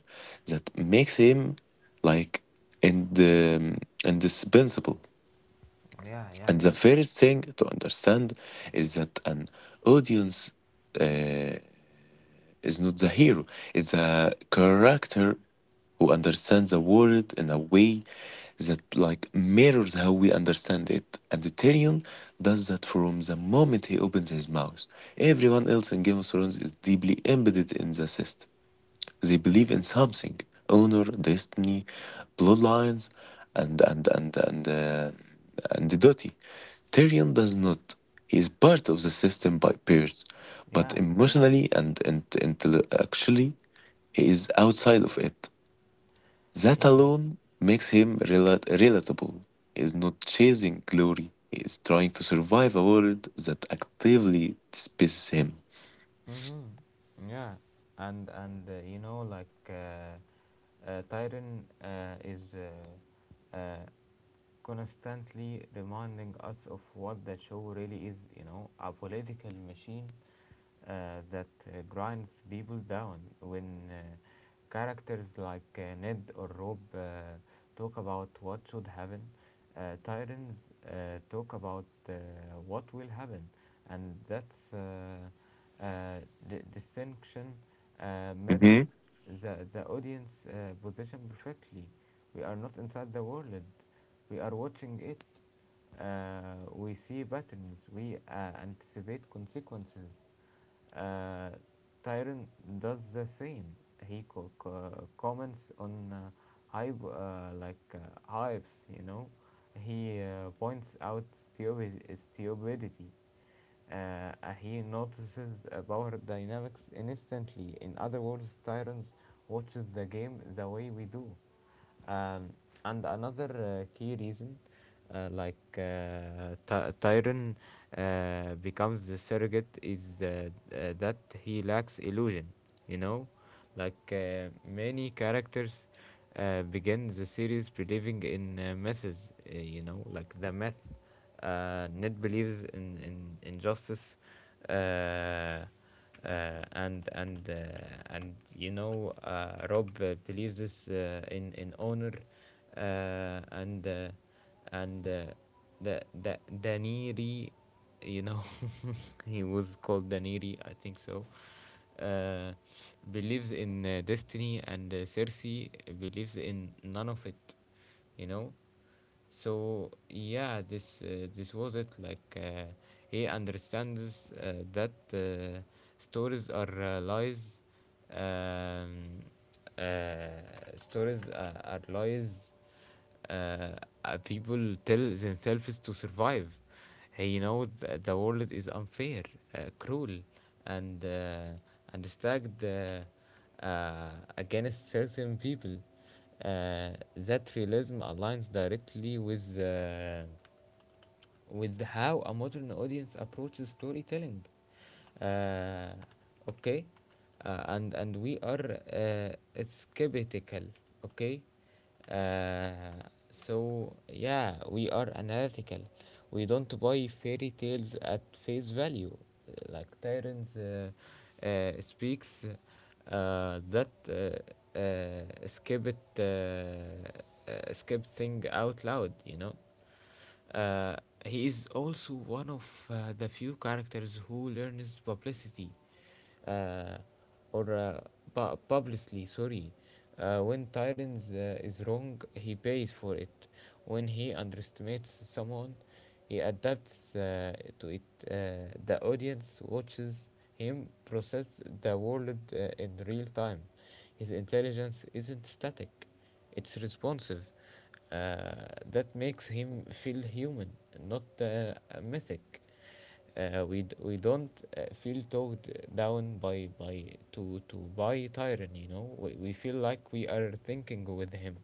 Speaker 2: that makes him like, and um, indispensable.
Speaker 1: Yeah, yeah.
Speaker 2: And the first thing to understand is that an audience uh, is not the hero, it's a character who understands the world in a way that like mirrors how we understand it. And Tyrion does that from the moment he opens his mouth. Everyone else in Game of Thrones is deeply embedded in the system. They believe in something, honor, destiny, bloodlines, and and and and uh, and the duty. Tyrion does not. He is part of the system by peers, but
Speaker 1: Yeah,
Speaker 2: emotionally and and intellectually, he is outside of it. That
Speaker 1: yeah.
Speaker 2: alone makes him rela- relatable. He is not chasing glory. He is trying to survive a world that actively despises him.
Speaker 1: Mm-hmm. Yeah. And and uh, you know like uh, uh, Tyron uh, is uh, uh, constantly reminding us of what the show really is, you know, a political machine uh, that uh, grinds people down. When uh, characters like uh, Ned or Rob uh, talk about what should happen, Uh, tyrants uh, talk about uh, what will happen, and that's uh, uh, d- distinction uh, mirrored
Speaker 2: Mm-hmm.
Speaker 1: the, the audience uh, position perfectly. We are not inside the world, we are watching it. Uh, we see patterns, we uh, anticipate consequences. uh, Tyron does the same. He co- co- comments on uh, hype, uh, like uh, hypes, you know, he uh, points out stupid- stupidity. Uh, uh, he notices uh, power dynamics instantly. In other words, Tyrants watches the game the way we do. Um, and another uh, key reason uh, like uh, Ty- Tyron uh, becomes the surrogate is uh, uh, that he lacks illusion. You know, like uh, many characters uh, began the series believing in uh, myths, uh, you know, like the myth. Uh, Ned believes in, in, in justice, uh, uh, and and uh, and you know, uh, Rob uh, believes this uh, in in honor, uh, and uh, and uh, the the Daniri, you know, he was called Daniri, I think so. Uh, Believes in uh, destiny, and uh, Cersei believes in none of it, you know. So yeah, this uh, this was it. Like uh, he understands uh, that uh, stories are uh, lies. Um, uh, Stories uh, are lies uh, uh, people tell themselves to survive. Hey, you know that the world is unfair, uh, cruel, and uh, and stacked uh, uh, against certain people. Uh, that realism aligns directly with uh, with how a modern audience approaches storytelling, uh, okay, uh, and and we are uh, skeptical, okay, uh, so yeah, we are analytical, we don't buy fairy tales at face value. Like Tyrant uh, uh, speaks uh, that uh, uh, skip it, uh, uh, skip thing out loud, you know. uh, he is also one of uh, the few characters who learns publicity, uh, or uh, pu- publicly, sorry. Uh, when Tyrants uh, is wrong, he pays for it. When he underestimates someone, he adapts uh, to it. Uh, the audience watches him process the world uh, in real time. His intelligence isn't static, it's responsive. Uh, that makes him feel human, not uh, a mythic. Uh, we d- we don't uh, feel towed down by by to to by Tyron. You know, we, we feel like we are thinking with him.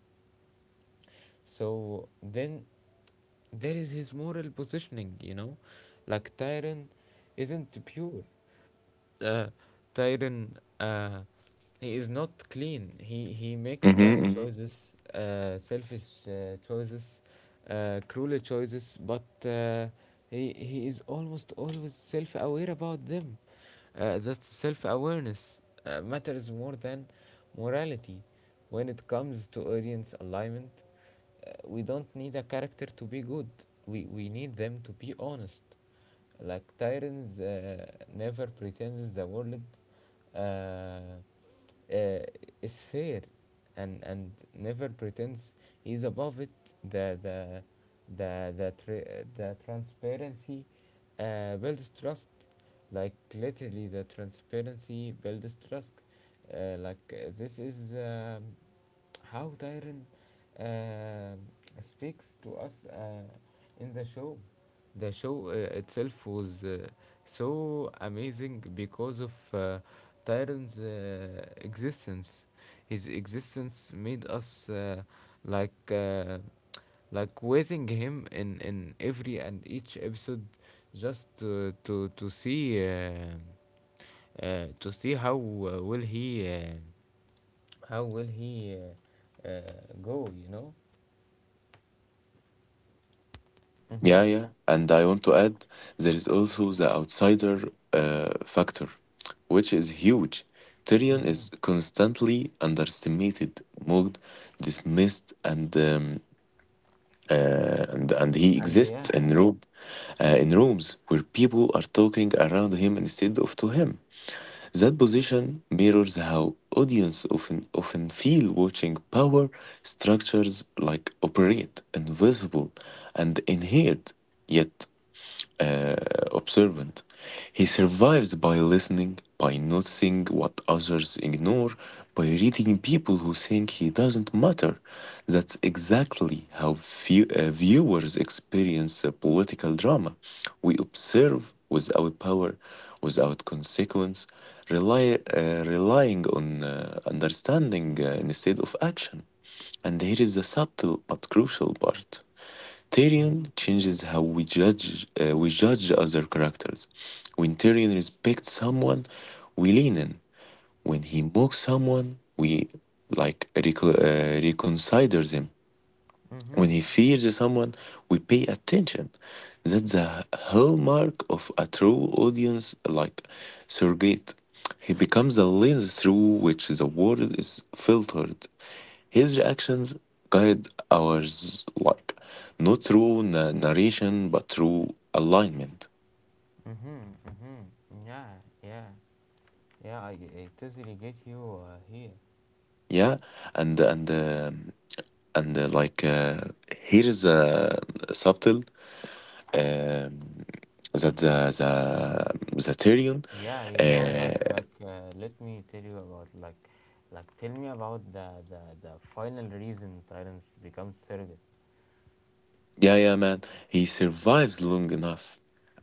Speaker 1: So then there is his moral positioning, you know? Like Tyrion isn't pure. Uh, Tyrion, uh, he is not clean. He, he makes bad
Speaker 2: Mm-hmm.
Speaker 1: choices, uh, selfish uh, choices, uh, cruel choices, but uh, he, he is almost always self aware about them. Uh, that self awareness uh, matters more than morality when it comes to audience alignment. Uh, we don't need a character to be good. We we need them to be honest. Like Tyrants uh, never pretends the world uh, uh, is fair, and and never pretends he's above it. The the the the tra- the transparency uh, builds trust. Like literally, the transparency builds trust. Uh, like uh, this is um, how Tyrion uh, speaks to us uh, in the show. The show uh, itself was uh, so amazing because of uh, Tyron's uh, existence. His existence made us uh, like uh, like waiting him in, in every and each episode, just to to, to see uh, uh, to see how uh, will he uh, how will he uh, uh, go, you know. Mm-hmm.
Speaker 2: Yeah, yeah. And I want to add there is also the outsider uh, factor, which is huge. Tyrion is
Speaker 1: Mm-hmm.
Speaker 2: constantly underestimated, mocked, dismissed, and um, uh, and and he
Speaker 1: And
Speaker 2: exists
Speaker 1: yeah.
Speaker 2: in room, uh, in rooms where people are talking around him instead of to him. That position mirrors how audience often often feel watching power structures like operate invisible and inherit yet uh, observant. He survives by listening, by noticing what others ignore, by reading people who think he doesn't matter. That's exactly how view- uh, viewers experience a political drama. We observe without power, without consequence, rely, uh, relying on uh, understanding uh, instead of action. And here is the subtle but crucial part.
Speaker 1: Mhm,
Speaker 2: Tyrion changes how we judge uh, we judge other characters. When Tyrion respects someone, we lean in. When he mocks someone, we like reco- uh, reconsider them. When
Speaker 1: mhm,
Speaker 2: he fears someone, we pay attention. That's the hallmark of a true audience, like surrogate. He becomes a lens through which the world is filtered. His reactions guide ours like not through na- narration but through alignment.
Speaker 1: mhm, mhm. Yeah, yeah, yeah. I, I totally get you uh, here.
Speaker 2: Yeah, and and um, and uh, like uh, here is a subtle, um, that the the the Tyrion
Speaker 1: Yeah, you know, like, like. Uh, let me tell you about like, like. Tell me about the the the final reason Tyrants becomes surrogate.
Speaker 2: yeah, yeah, man. He survives long enough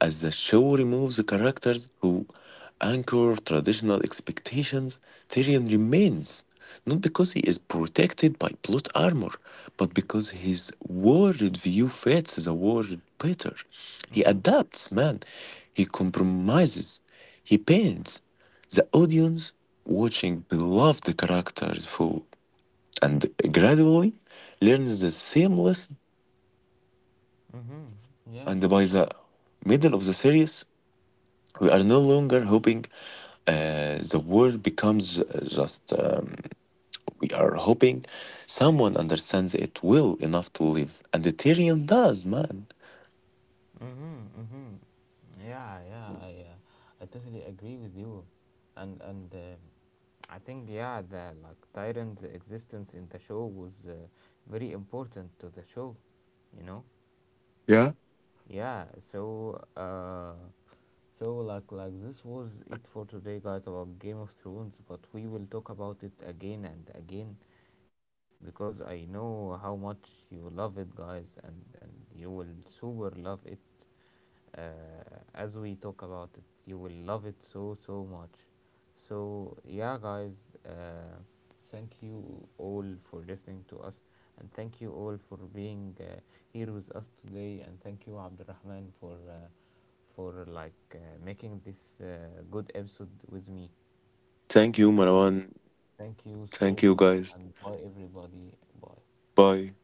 Speaker 2: as the show removes the characters who anchor traditional expectations. Tyrion remains not because he is protected by plot armor, but because his world view fits the world better. He
Speaker 1: Mhm,
Speaker 2: adapts, man. He compromises. He paints the audience watching beloved characters fall and gradually learns the seamless.
Speaker 1: mhm. Yeah.
Speaker 2: And by the middle of the series, we are no longer hoping uh, the world becomes uh, just. Um, we are hoping someone understands it well enough to live. And the Tyrion does, man.
Speaker 1: Mm-hmm, mm-hmm. Yeah, yeah, I, uh, I totally agree with you, and and uh, I think yeah, the like Tyrant's existence in the show was uh, very important to the show, you know.
Speaker 2: Yeah.
Speaker 1: Yeah, so uh, so like like this was it for today, guys, about Game of Thrones. But we will talk about it again and again, because I know how much you love it, guys, and and you will super love it uh, as we talk about it. You will love it so, so much. So, yeah, guys, uh, thank you all for listening to us, and thank you all for being uh, here with us today, and thank you, Abdurrahman, for uh, for like uh, making this uh, good episode with me.
Speaker 2: Thank you,
Speaker 1: Okay,
Speaker 2: Marwan.
Speaker 1: thank you so
Speaker 2: Thank you,
Speaker 1: much,
Speaker 2: guys.
Speaker 1: and bye, everybody. Bye.
Speaker 2: Bye.